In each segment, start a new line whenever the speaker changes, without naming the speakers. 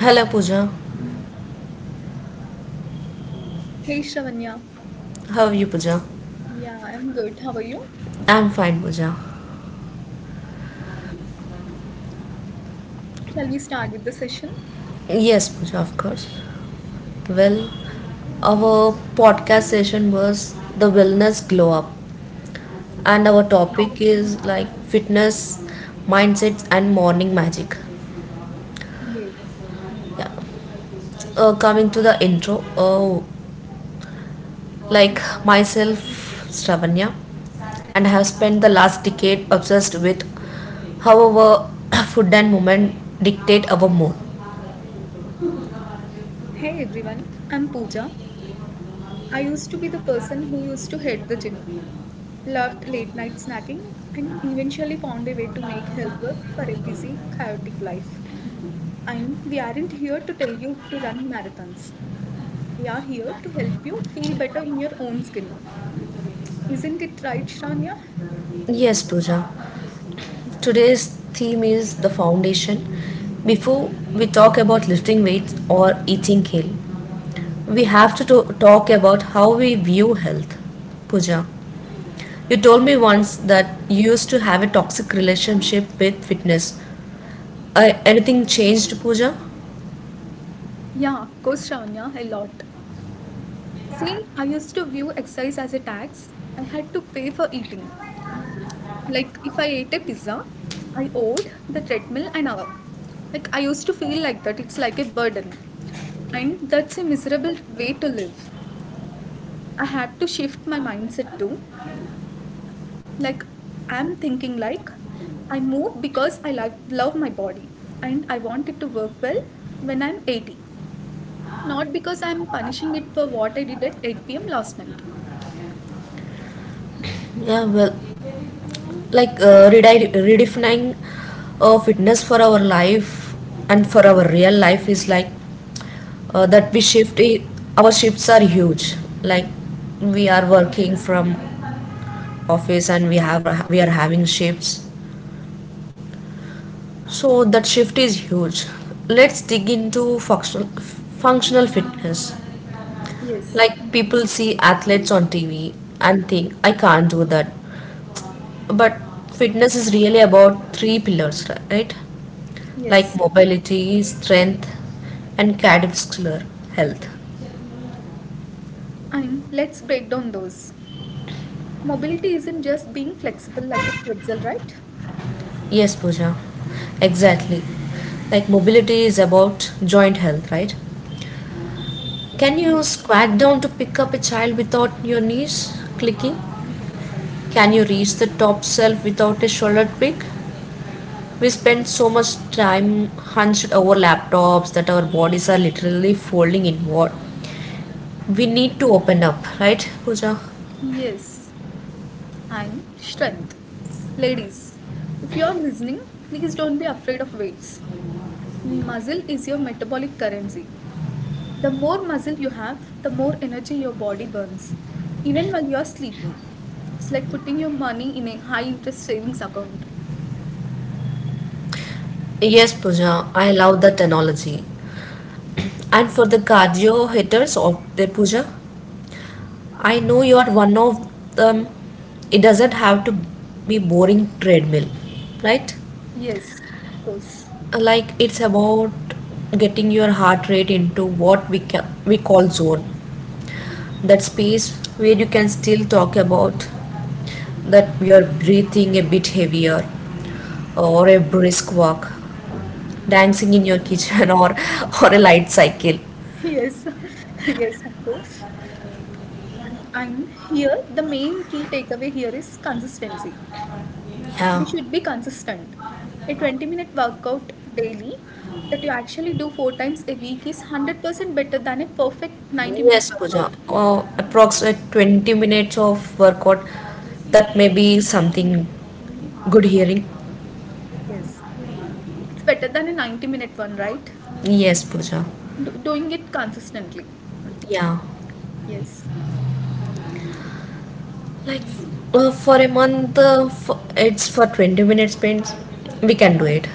Hello, Pooja.
Hey Shavanya.
How are you, Pooja?
Yeah, I'm good. How are you?
I'm fine, Pooja.
Shall we start with the session?
Yes, Pooja, of course. Well, our podcast session was the wellness glow up, and our topic is like fitness, mindsets, and morning magic.
Yay.
Yeah. Coming to the intro, oh, like myself, Stravanya, and I have spent the last decade obsessed with how our food and movement dictate our mood.
Hey everyone, I'm Pooja. I used to be the person who used to hate the gym, loved late night snacking, and eventually found a way to make health work for a busy, chaotic life. And we aren't here to tell you to run marathons. We are here to help you feel better in your own skin. Isn't it right, Shravanya?
Yes, Pooja. Today's theme is the foundation. Before we talk about lifting weights or eating kale, we have talk about how we view health. Puja, you told me once that you used to have a toxic relationship with fitness. Anything changed, Puja?
Yeah, of course, Shravanya, a lot. See, I used to view exercise as a tax. I had to pay for eating. If I ate a pizza, I owed the treadmill an hour. I used to feel like that. It's like a burden. And that's a miserable way to live. I had to shift my mindset too. Like, I'm thinking like, I move because I love my body and I want it to work well when I'm 80. Not because I'm punishing it for what I did at 8 p.m. last night.
Yeah, well, like redefining fitness for our life and for our real life is like that our shifts are huge. Like, we are working from office, and we are having shifts, so that shift is huge. Let's dig into functional fitness.
Yes,
Like, people see athletes on TV and think I can't do that, but fitness is really about three pillars, right? Like
yes.
mobility, strength, and cardiovascular health.
Let's break down those. Mobility isn't just being flexible like a pretzel, right?
Yes, Pooja, exactly. Like mobility is about joint health, right? Can you squat down to pick up a child without your knees clicking? Can you reach the top shelf without a shoulder tweak? We spend so much time hunched over laptops that our bodies are literally folding inward. We need to open up, right, Pooja?
Yes. And strength. Ladies, if you are listening, please don't be afraid of weights. Muscle is your metabolic currency. The more muscle you have, the more energy your body burns, even while you are sleeping. It's like putting your money in a high interest savings account.
Yes, Pooja, I love that analogy. And for the cardio hitters of their puja, I know you are one of them. It doesn't have to be boring treadmill, right?
Yes, of course.
Like, it's about getting your heart rate into we call zone, that space where you can still talk about that you're breathing a bit heavier, or a brisk walk, dancing in your kitchen, or a light cycle.
Yes, yes, of course. And here, the main key takeaway here is consistency. We
Yeah.
should be consistent. A 20-minute workout daily that you actually do four times a week is 100% better than a perfect 90-minute
Yes, Pooja.
workout.
Approximate 20 minutes of workout. That may be something good hearing.
Yes, it's better than a 90 minute one, right?
Yes, Pooja.
Doing it consistently.
Yeah.
Yes,
Like for a month, it's for 20 minutes sprints. We can do it.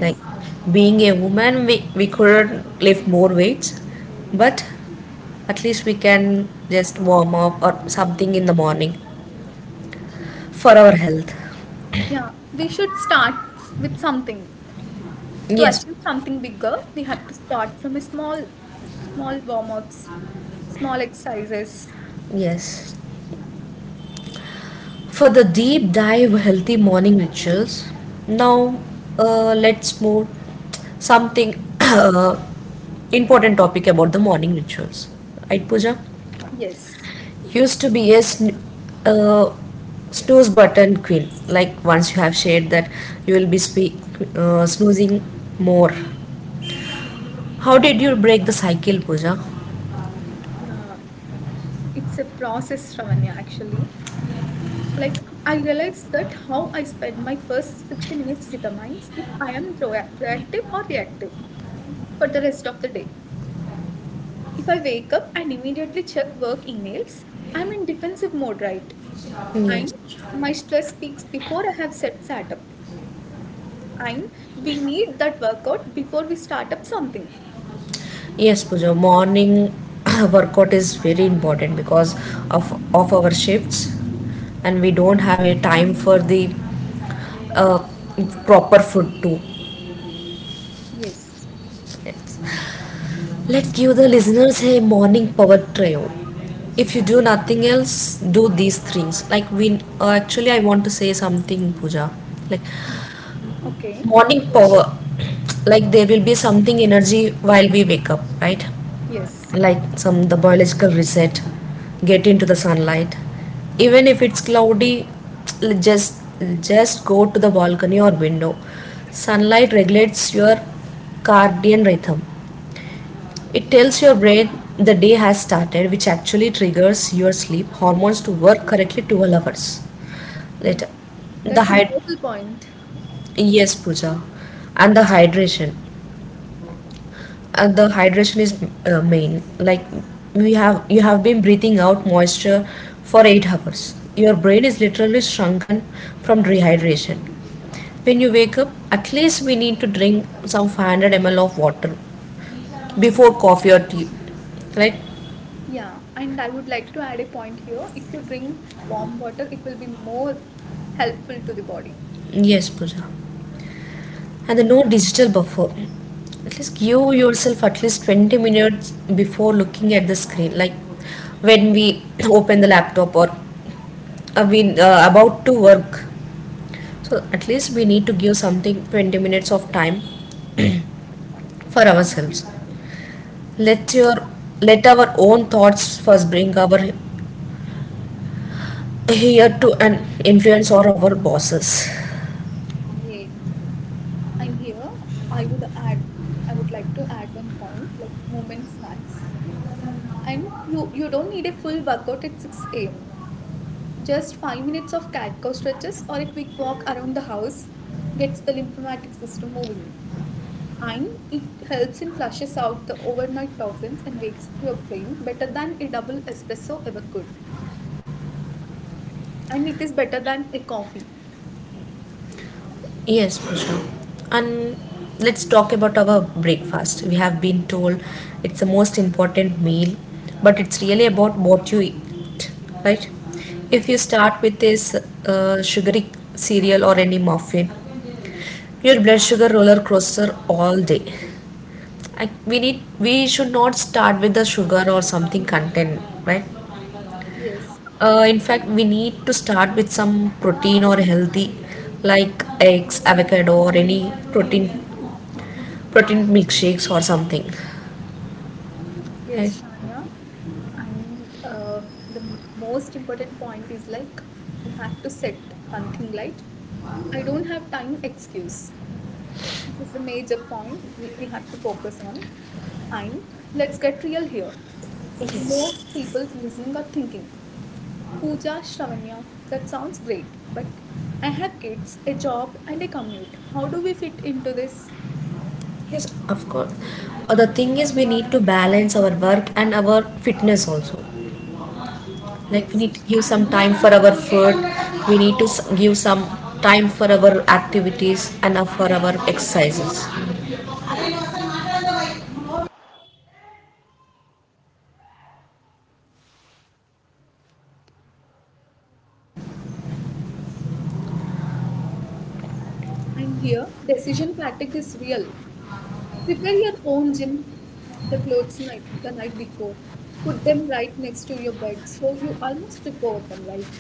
Like, being a woman, we could lift more weights, but at least we can just warm up or something in the morning for our health.
Yeah, we should start with something. To
Yes.
achieve something bigger, we have to start from a small, small warm ups, small exercises.
Yes, for the deep dive healthy morning rituals. Now, let's move something uh, important topic about the morning rituals. Right, Pooja?
Yes.
Used to be a uh, snooze button queen. Like, once you have shared that, you will be snoozing more. How did you break the cycle, Pooja?
Yeah, it's a process, Ravanya, actually. I realized that how I spend my first 60 minutes determines if I am proactive or reactive for the rest of the day. If I wake up and immediately check work emails, I'm in defensive mode, right?
Yes.
And my stress peaks before I have setup. And we need that workout before we start up something.
Yes, Pooja, morning workout is very important because of our shifts, and we don't have a time for the uh, proper food too.
Yes.
Let's give the listeners a morning power trio. If you do nothing else, do these things. Like, we actually, I want to say something, Pooja. Like,
Okay.
morning
So,
power, like there will be something energy while we wake up, right?
yes.
Like, some the biological reset, get into the sunlight, even if it's cloudy, just go to the balcony or window. Sunlight regulates your circadian rhythm. It tells your brain the day has started, which actually triggers your sleep hormones to work correctly 12 hours later.
Yeah.
the
That's a
hyd-
total point.
yes, puja. And the hydration, and the hydration is main. Like, we have you have been breathing out moisture for 8 hours. Your brain is literally shrunken from dehydration. When you wake up, at least we need to drink some 500 ml of water before coffee or tea, right?
Yeah, and I would like to add a point here. If you drink warm water, it will be more helpful to the body.
Yes, Pooja. And the no digital buffer, at least give yourself at least 20 minutes before looking at the screen. Like, when we open the laptop, or we about to work. So at least we need to give something 20 minutes of time for ourselves. Let your let our own thoughts first bring our here to an influence or our bosses.
Yeah. And here I would add I would like to add one point like movement snacks. And you don't need a full workout at 6 a.m. Just 5 minutes of cat cow stretches or a quick walk around the house gets the lymphatic system moving. And it helps in flushes out the overnight toxins and wakes up your brain better than a double espresso ever could. And it is better than a coffee.
Yes, Pooja. And let's talk about our breakfast. We have been told it's the most important meal, but it's really about what you eat, right? If you
Yes,
start with this sugary cereal or any muffin, your blood sugar roller coaster all day. We need we should not start with the sugar or something content, right?
yes,
In fact, we need to start with some protein or healthy, like eggs, avocado, or any protein milkshakes or something, right?
yes, Shania. And the most important point is like we have to set one thing right. I don't have time excuse. This is the major point we have to focus on. And let's get real here.
Yes.
Most people listening are thinking, Pooja, Shravanya, that sounds great, but I have kids, a job, and a commute. How do we fit into this?
Yes, of course. The thing is, we need to balance our work and our fitness also. Like, we
Yes.
need to give some time for our food. We need to give some time for our activities and for our exercises.
And here, decision fatigue is real. Prepare your own gym, the night before. Put them right next to your bed so you almost trip over them, right?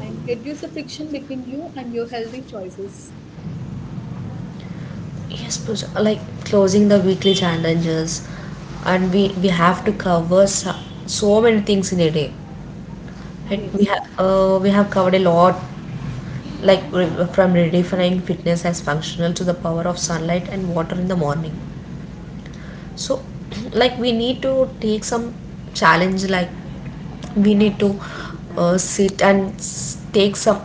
And reduce the friction between you and your healthy choices.
Yes, Pooja, like closing the weekly challenges, and we have to cover so many things in a day. Right?
Yes,
We have covered a lot, like from redefining fitness as functional to the power of sunlight and water in the morning. So, like we need to take some challenge. Like, we need to sit and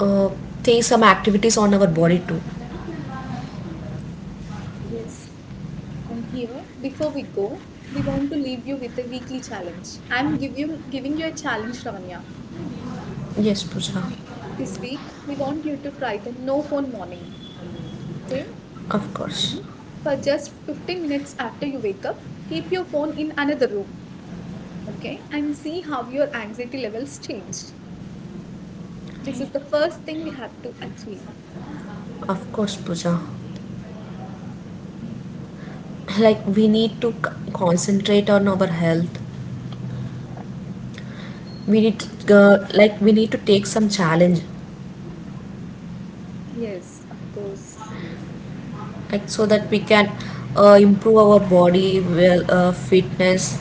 uh, take some activities on our body too.
yes. And here, before we go, we want to leave you with a weekly challenge. Giving you a challenge, Ravanya.
Yes, Pooja,
This week, we want you to try the no phone morning. Okay?
of course,
And for just 15 minutes after you wake up, keep your phone in another room, okay, and see how your anxiety levels changed. This is the first thing we have to achieve.
of course, Pooja. Like, we need to concentrate on our health. We need like we need to take some challenge,
Yes, of course.
like, so that we can improve our body well, fitness.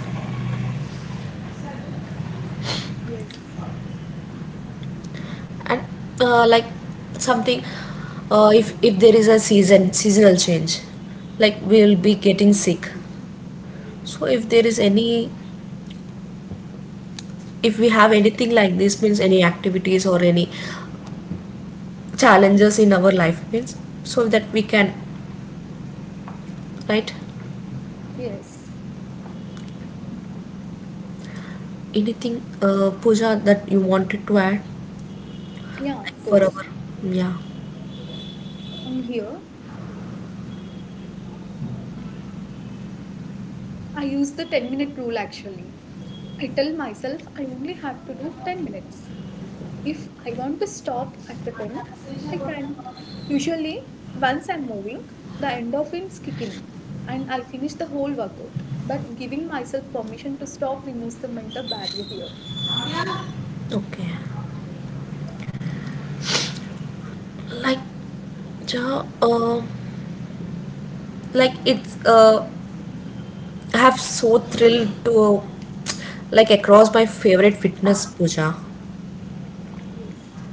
Yes,
And like something, if there is a seasonal change, like we will be getting sick. So if there is any, if we have anything like this means any activities or any challenges in our life means, so that we can, right.
yes,
Anything, Pooja, that you wanted to add,
yeah,
like
of
for
course.
our, yeah,
And here, I use the 10-minute rule actually. I tell myself I only have to do 10 minutes. If I want to stop after 10, I can't. Usually, once I'm moving, the endorphins kick in and I finish the whole workout. But giving myself permission to stop removes the mental barrier here.
okay. Like, ja, like it's I have so thrilled to like across my favorite fitness, Pooja.
Yes.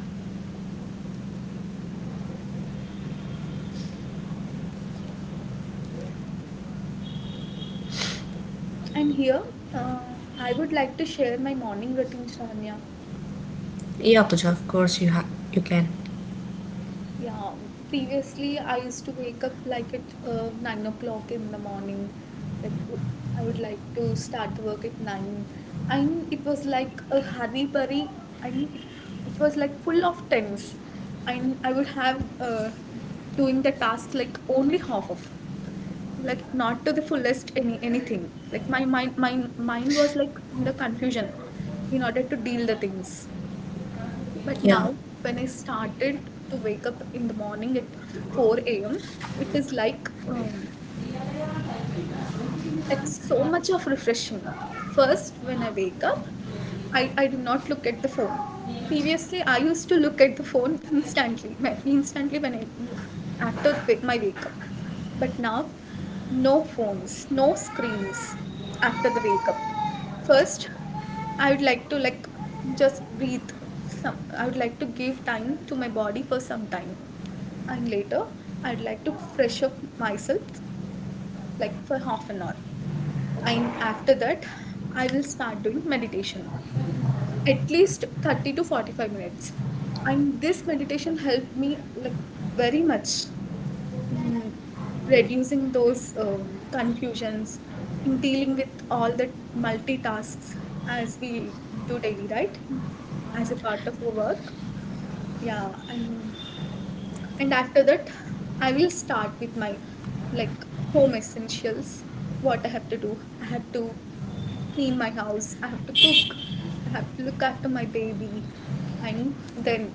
And here, I would like to share my morning routine, Shravanya.
Yeah, Pooja, of course you have, you can.
Yeah, previously I used to wake up like at 9 o'clock in the morning. Like w- I would like to start the work at nine, and it was like a hurry burry, and it was like full of tense. And I would have doing the task like only like not to the fullest anything. Like my mind was like in the confusion, in order to deal the things, but
Yeah.
now when I started to wake up in the morning at 4 a.m., it is like so much of refreshing. First when I wake up, I do not look at the phone. Previously I used to look at the phone instantly when I my wake up. But now, no phones, no screens after the wake up. First I would like to just breathe some I would like to give time to my body for some time. And later I'd like to fresh up myself, like for half an hour. And after that I will start doing meditation at least 30 to 45 minutes. And this meditation helped me like very much in reducing those confusions in dealing with all the multitasks, as we do daily, right, as a part of our work. yeah and and after that I will start with my like home essentials. What I have to do? I have to clean my house, I have to cook, I have to look after my baby. And then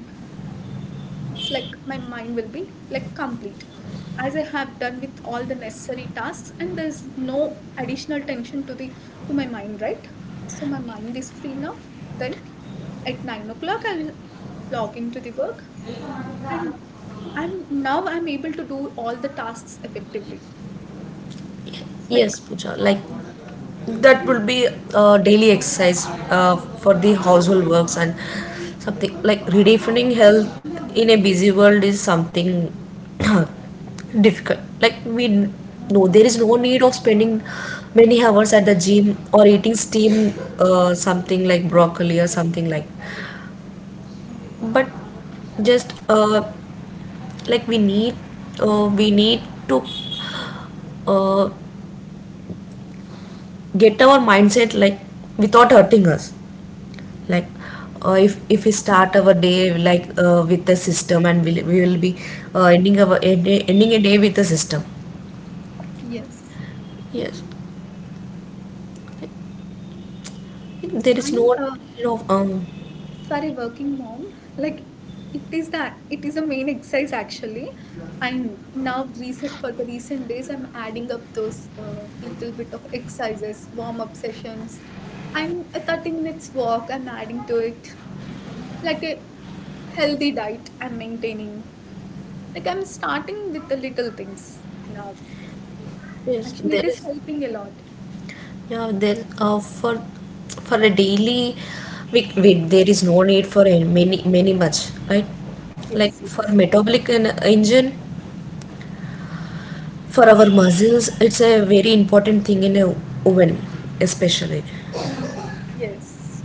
it's like my mind will be like complete, as I have done with all the necessary tasks, and there's no additional tension to the to my mind, right? So my mind is free now. Then at 9 o'clock I'll log into the work, and I'm able to do all the tasks effectively. It's like
Yes, Pooja. Like, that will be daily exercise for the household works, and something like redefining health in a busy world is something difficult. Like, we know there is no need of spending many hours at the gym or eating steam something like broccoli or something like. But just like we need, we need to uh, get our mindset like without hurting us. Like, if we start our day like with the system, and we will be ending our ending a day with the system.
yes,
Yes, there is
I'm
no need of um,
for a working mom. Like it is a main exercise actually. And now recent for the recent days, I'm adding up those little bit of exercises, warm up sessions. I'm a 30 minutes walk. I'm adding to it like a healthy diet I'm maintaining. Like I'm starting with the little things now.
yes
Actually, it
there
is
is.
helping a lot.
Yeah, there for a daily, we there is no need for a many much, right? Like,
Yes,
for
yes,
metabolic engine, for our muscles, it's a very important thing in a woman especially.
yes,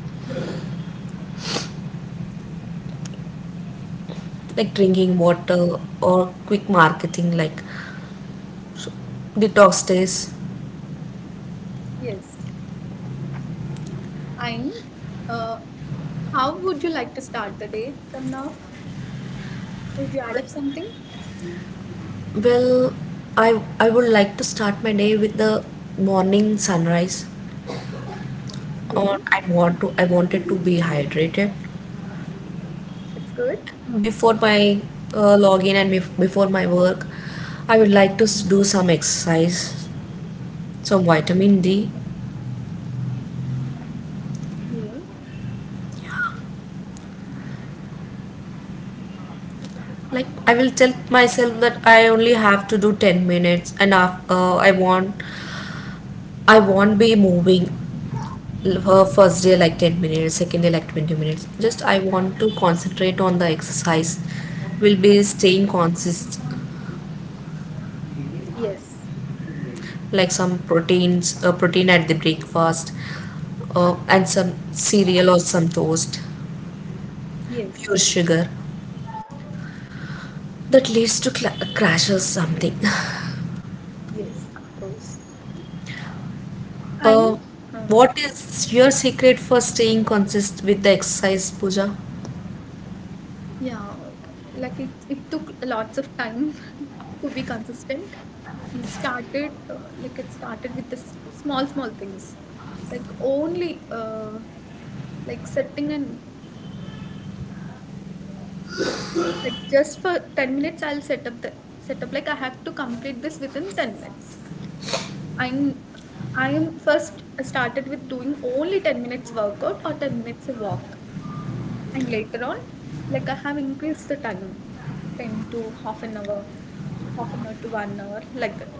Like, drinking water, or quick marketing like detox days.
yes. And uh, how would you like to start the day from now? Would you add up something?
Well, I would like to start my day with the morning sunrise.
Yeah,
Or I wanted to be hydrated
that's good.
before my login and before my work. I would like to do some exercise, some vitamin D.
Yeah.
Like, I will tell myself that I only have to do 10 minutes, and I won't be moving. Her first day like 10 minutes, second day like 20 minutes. Just I want to concentrate on the exercise. Will be staying consist,
Yes,
like some proteins, protein at the breakfast, and some cereal or some toast, pure
yes,
sugar. That leads to cla crashes something.
yes, of course.
Uh,
And um,
what is your secret for staying consist with the exercise, Pooja?
yeah, like it took lots of time to be consistent. It started with the small, small things, like only like setting an — like just for 10 minutes I'll set up like I have to complete this within 10 minutes. I'm I am first started with doing only 10 minutes workout or 10 minutes of walk, and later on like I have increased the time to half an hour, half an hour to 1 hour like that.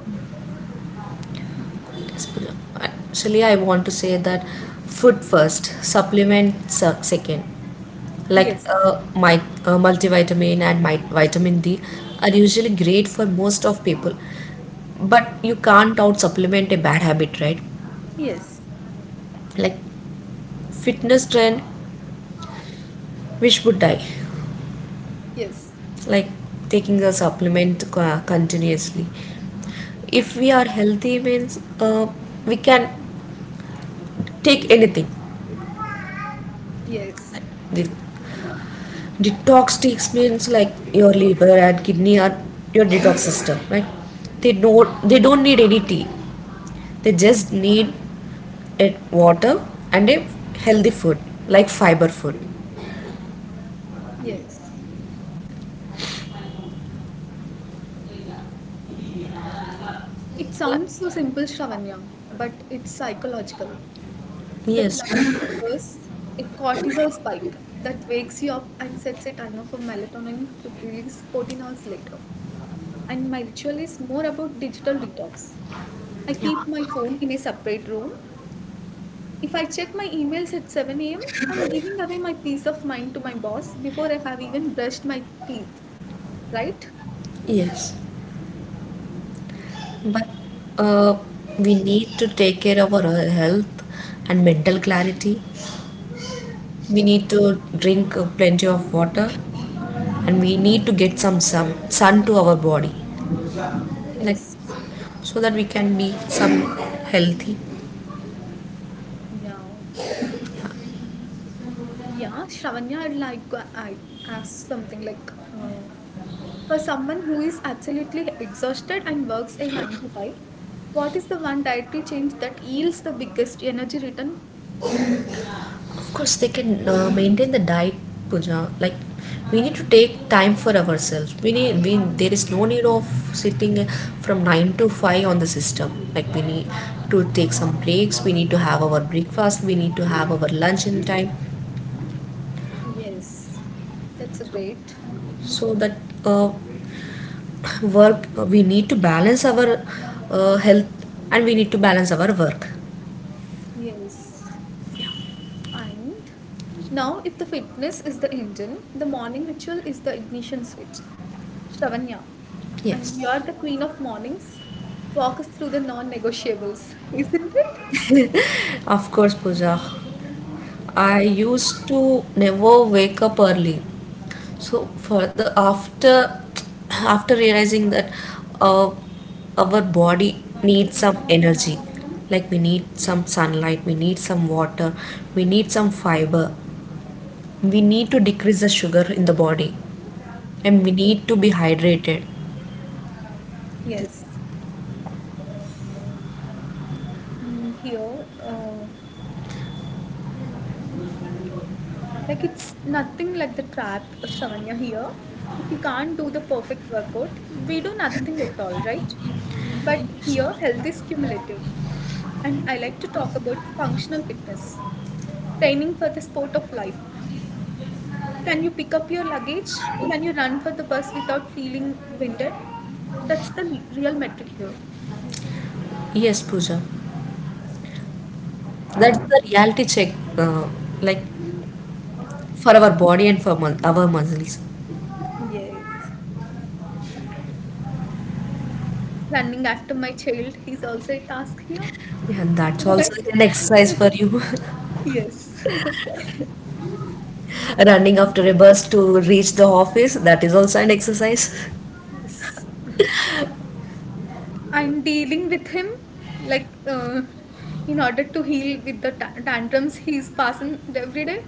Yes, Pooja. Actually, I want to say that food first, supplement second, like
Yes.
multivitamin and my vitamin D are usually great for most of people, but you can't out supplement a bad habit, right?
Yes.
Like, fitness trend, which would die,
Yes.
like taking a supplement continuously. If we are healthy, means we can take anything.
Yes.
The detox takes means like your liver and kidney are your detox system, right? They don't need any tea, they just need it water, and a healthy food like fiber food.
Yes. It
Like,
sounds so simple, Shravanya, but it's psychological. That
yes.
light triggers a cortisol spike that wakes you up and sets a timer for melatonin to release 14 hours later. And my ritual is more about digital detox. I keep my phone in a separate room. If I check my emails at 7 a.m., I'm giving away my peace of mind to my boss before I have even brushed my teeth, right?
Yes, but uh, we need to take care of our health and mental clarity. We need to drink plenty of water, and we need to get some sun to our body, like,
Yes.
so that we can be some healthy.
Yeah. Yeah, Shravanya, I'd like to ask something for someone who is absolutely exhausted and works a 9 to 5, what is the one dietary change that yields the biggest energy return?
Of course, they can maintain the diet, Pooja. Like, we need to take time for ourselves. We there is no need of sitting from nine to five on the system. Like, we need to take some breaks. We need to have our breakfast. We need to have our lunch in time.
Yes, that's a great.
So that uh, work, we need to balance our health, and we need to balance our work.
Yes, and now, if the fitness is the engine, the morning ritual is the ignition switch. Shravanya, and
Yes.
you are the queen of mornings. Walk us through the non negotiables, isn't it?
Of course, Pooja. I used to never wake up early. So for the after after realizing that uh, our body needs some energy, like we need some sunlight, we need some water, we need some fiber, we need to decrease the sugar in the body, and we need to be hydrated.
Yes. Here, like it's nothing like the trap Shravanya here. If we can't do the perfect workout, we do nothing at all, right? But here, health is cumulative, and I like to talk about functional fitness, training for the sport of life. Can you pick up your luggage? Can you run for the bus without feeling winded? That's the real metric here.
Yes, Pooja, that's the reality check, like for our body and for our muscles.
Yes. Running after my child is also a task here,
And that's also
right?
an exercise for you.
yes.
Running after a bus to reach the office, that is also an exercise.
I'm dealing with him like uh, in order to heal with the tantrums he's passing every day.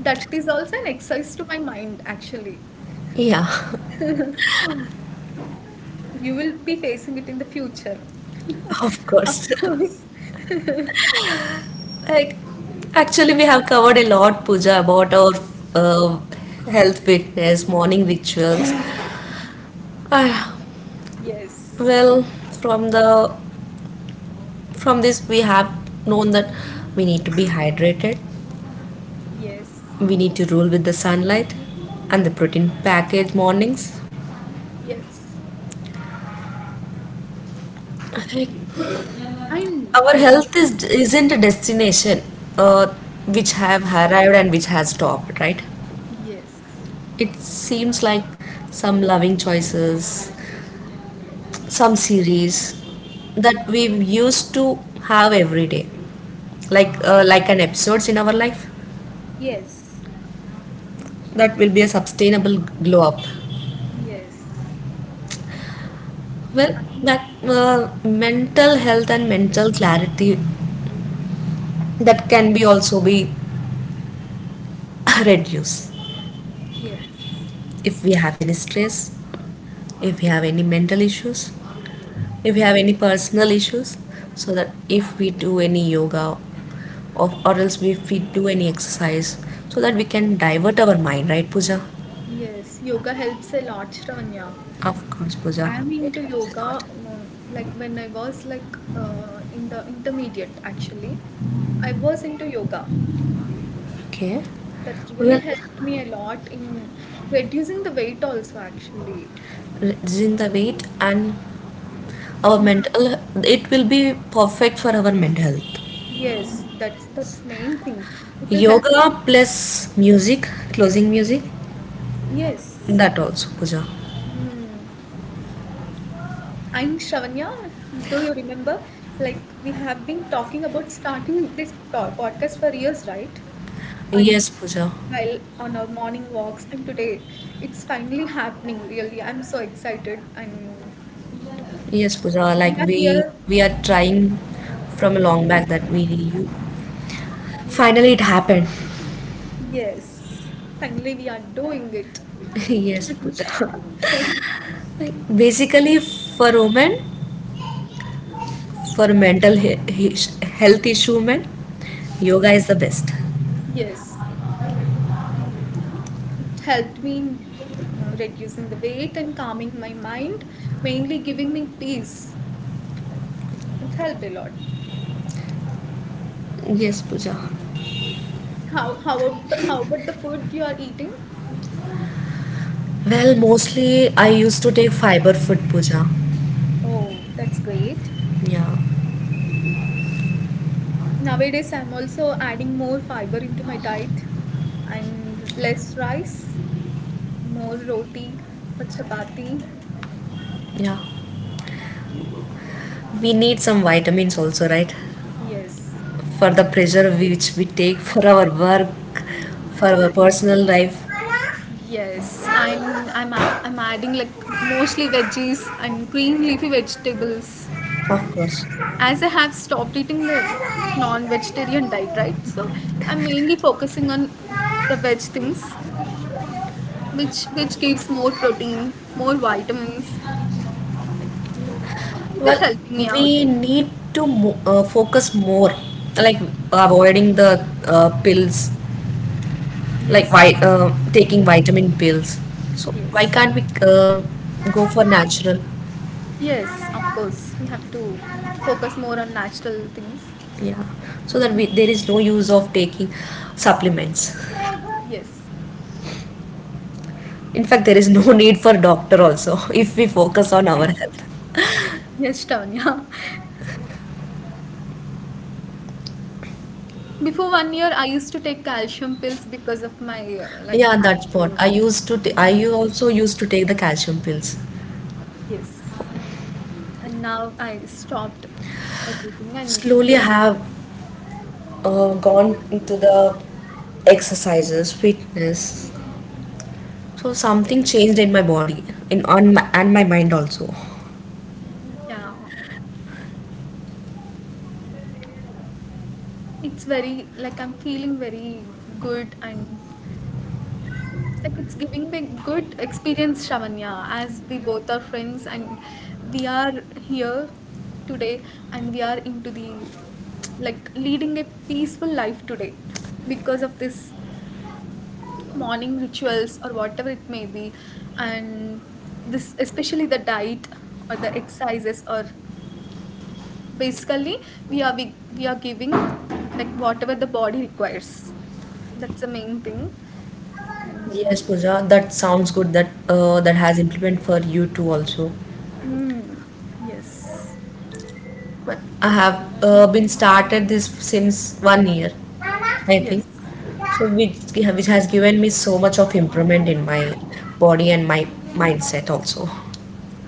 That is also an exercise to my mind, actually.
Yeah,
You will be facing it in the future.
of course.
Of course.
Like, actually, we have covered a lot, Pooja, about our uh, health, fitness, morning rituals. Ah,
Yes.
well, from the from this, we have known that we need to be hydrated.
Yes.
We need to rule with the sunlight and the protein packed mornings.
Yes.
Like, our
I
health is isn't a destination, uh, which have arrived and which has stopped, right?
yes.
It seems like some loving choices, some series that we used to have every day like an episodes in our life
Yes.
that will be a sustainable glow up,
Yes.
well
I,
that mental health and mental clarity that can be also be reduced
yes.
if we have any stress, if we have any mental issues, if we have any personal issues, so that if we do any yoga or else if we do any exercise, so that we can divert our mind, right, Pooja?
Yes. Yoga helps a lot, Shravanya.
Of course, Pooja.
I'm
It
into
helps a lot.
yoga. Like when I was in the intermediate, actually, I was into yoga.
Okay.
That really
Well,
helped me a lot in reducing the weight also. Actually,
reducing the weight and our
In
mental, it will be perfect for our mental health.
yes, that's main thing. It will help.
Yoga plus music, closing music,
Yes.
that also, Pooja.
Mm. And Shravanya, do you remember? Like, we have been talking about starting this podcast for years, right? I'm
Yes, Pooja.
well on our morning walks, and today it's finally happening, really. I'm so excited, and
Yes, Pooja.
we
Like
are
we
here.
we are trying from a long back that we finally it happened.
Yes, finally, we are doing it.
Yes, Pooja. Basically, for women, for mental health issue man, yoga is the best.
Yes, it helped me in reducing the weight and calming my mind, mainly giving me peace. Like, it helped a lot.
Yes, Pooja.
How about the food you are eating?
Well, mostly I used to take fiber food, Puja.
Oh, that's great.
Yeah.
Nowadays, I'm also adding more fiber into my diet and less rice, more roti or chapati.
Yeah, we need some vitamins also, right?
Yes.
For the pressure which we take for our work, for our
Yes.
personal life.
Yes, I'm adding like mostly veggies and green leafy vegetables,
Of course.
as I have stopped eating the non-vegetarian diet, right? So I'm mainly focusing on the veg things, which gives more protein, more vitamins. It is
Well,
helping me out.
we need to focus more, like avoiding the pills, like
Yes,
taking vitamin pills. So why
yes,
can't we go for natural?
Yes, of course. We have to focus more on natural things.
Yeah, so that we, there is no use of taking supplements.
Yes.
In fact, there is no need for doctor also if we focus on our health.
Yes, Tanya. Before 1 year, I used to take calcium pills because of my like
Yeah, that's what
acne.
I used to. I also used to take the calcium pills.
Yes, and now I stopped everything and
Slowly, I
basically,
have gone into the exercises, fitness. So something changed in my body, in on my, and my mind also.
yeah, it's very like I'm feeling very good, and like it's giving me good experience, Shavanya. As we both are friends and we are here today, and we are into the like leading a peaceful life today because of this morning rituals or whatever it may be. And this, especially the diet or the exercises, or basically we are we are giving like whatever the body requires — that's the main thing.
Yes, Pooja, that sounds good. That that has implement for you too also.
mm, yes.
But I have been started this since one year, I think.
Yes.
So which has given me so much of improvement in my body and my mindset also.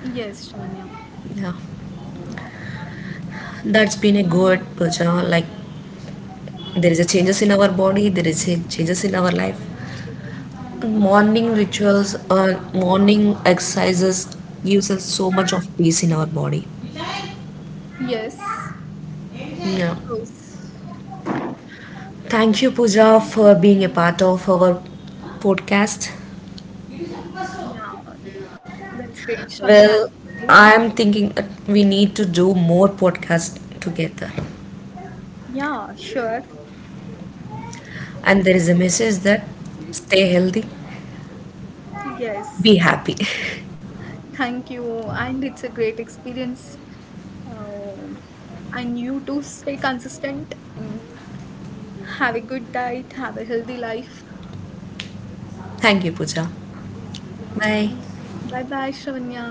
Yes, Shania.
Yeah, that's been a good, Pooja. Like there is a changes in our body, there is a changes in our life. Morning rituals or morning exercises gives us so much of peace in our body.
Yes,
Yeah.
of course.
Thank you, Pooja, for being a part of our podcast.
Yeah, that's great, Shania.
Well, I
Actually.
am thinking that we need to do more podcasts together.
Yeah, sure.
And there is a message that stay healthy,
Yes,
be happy.
thank you. And it's a great experience. Um, and you too, stay consistent and have a good diet, have a healthy life.
Thank you, Pooja. Bye.
Bye bye, Shania.